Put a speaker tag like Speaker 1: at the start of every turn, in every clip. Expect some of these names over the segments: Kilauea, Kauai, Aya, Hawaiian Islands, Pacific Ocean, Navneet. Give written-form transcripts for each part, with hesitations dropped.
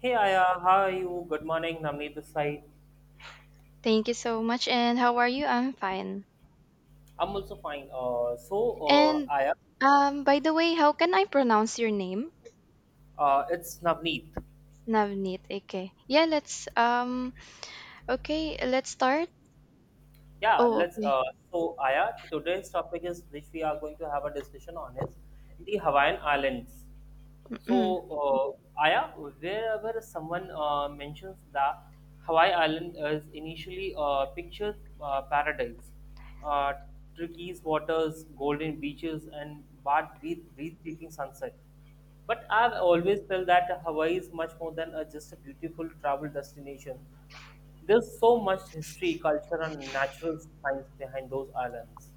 Speaker 1: Hey Aya, how are you? Good morning, Navneet this side.
Speaker 2: Thank you so much. And how are you? I'm fine.
Speaker 1: I'm also fine.
Speaker 2: And
Speaker 1: Aya,
Speaker 2: By the way, how can I pronounce your name?
Speaker 1: it's Navneet.
Speaker 2: Navneet. Okay. Yeah. Let's. Okay. Let's start.
Speaker 1: Yeah,
Speaker 2: Oh.
Speaker 1: let's. Uh,
Speaker 2: Okay.
Speaker 1: so Aya, today's topic is which we are going to have a discussion on is the Hawaiian Islands. So, Aya, wherever someone mentions the Hawaii Island is initially a picture paradise, uh, turquoise waters, golden beaches, and with breathtaking sunset. But I've always felt that Hawaii is much more than just a beautiful travel destination. There's so much history, culture, and natural science behind those islands.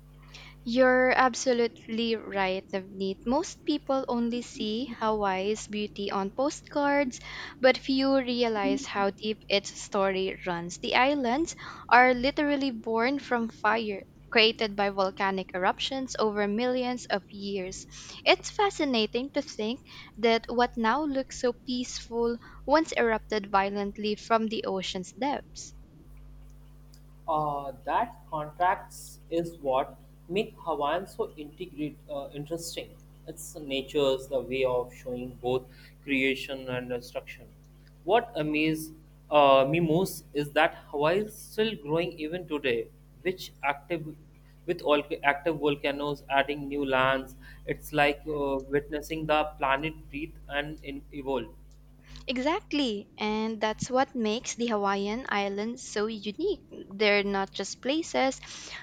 Speaker 2: You're absolutely right, Navneet. Most people only see Hawaii's beauty on postcards, but few realize how deep its story runs. The islands are literally born from fire. Created by volcanic eruptions over millions of years. It's fascinating to think that what now looks so peaceful once erupted violently from the ocean's depths.
Speaker 1: That contracts is what make Hawaiian so integrate interesting. It's nature's the way of showing both creation and destruction. What amazes me most is that Hawaii is still growing even today, which active with all active volcanoes adding new lands. It's like witnessing the planet breathe and evolve.
Speaker 2: Exactly, and that's what makes the Hawaiian Islands so unique. They're not just places,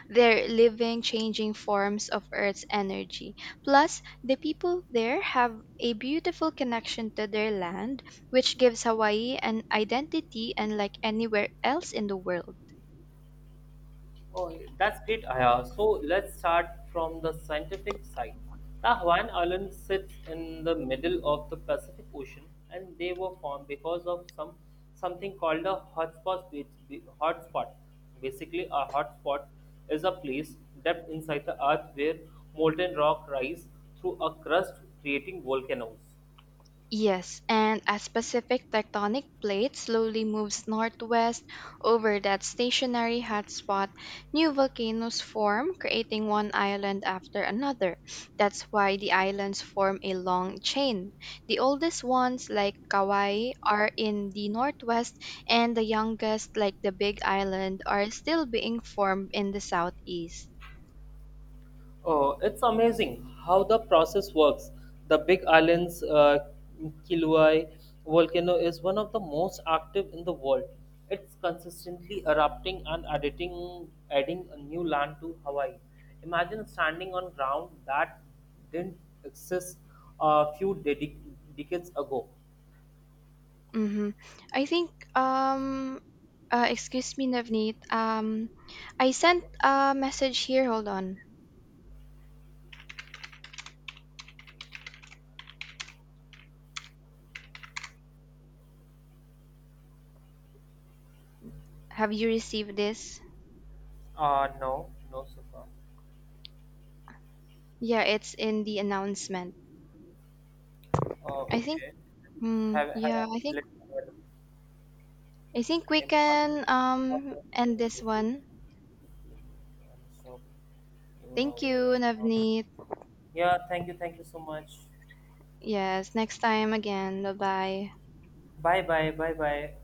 Speaker 2: they're living, changing forms of Earth's energy. Plus, the people there have a beautiful connection to their land, which gives Hawaii an identity unlike anywhere else in the world.
Speaker 1: Oh, that's great, Aya. So let's start from the scientific side. The Hawaiian Islands sits in the middle of the Pacific Ocean, and they were formed because of something called a hotspot. Hotspot, basically, a hotspot is a place deep inside the Earth where molten rock rise through a crust, creating volcanoes.
Speaker 2: Yes, and as Pacific tectonic plate slowly moves northwest over that stationary hotspot, new volcanoes form, creating one island after another. That's why the islands form a long chain. The oldest ones, like Kauai, are in the northwest, and the youngest, like the Big Island, are still being formed in the southeast.
Speaker 1: Oh, it's amazing how the process works. The Big Island's Kilauea volcano is one of the most active in the world. It's consistently erupting and adding a new land to Hawaii. Imagine standing on ground that didn't exist a few decades ago.
Speaker 2: Mm-hmm. I think excuse me, Navneet. I sent a message here. Hold on. Have you received this?
Speaker 1: No, no, Sufa.
Speaker 2: Yeah, it's in the announcement. I think
Speaker 1: Okay.
Speaker 2: mm,
Speaker 1: Have, have,
Speaker 2: yeah,
Speaker 1: let's
Speaker 2: I think we
Speaker 1: important.
Speaker 2: can end this one.
Speaker 1: Yeah, so even
Speaker 2: Thank
Speaker 1: over
Speaker 2: you,
Speaker 1: right now.
Speaker 2: Navneet.
Speaker 1: Yeah, thank you, so much.
Speaker 2: Yes, next time again. Bye-bye.
Speaker 1: Bye bye.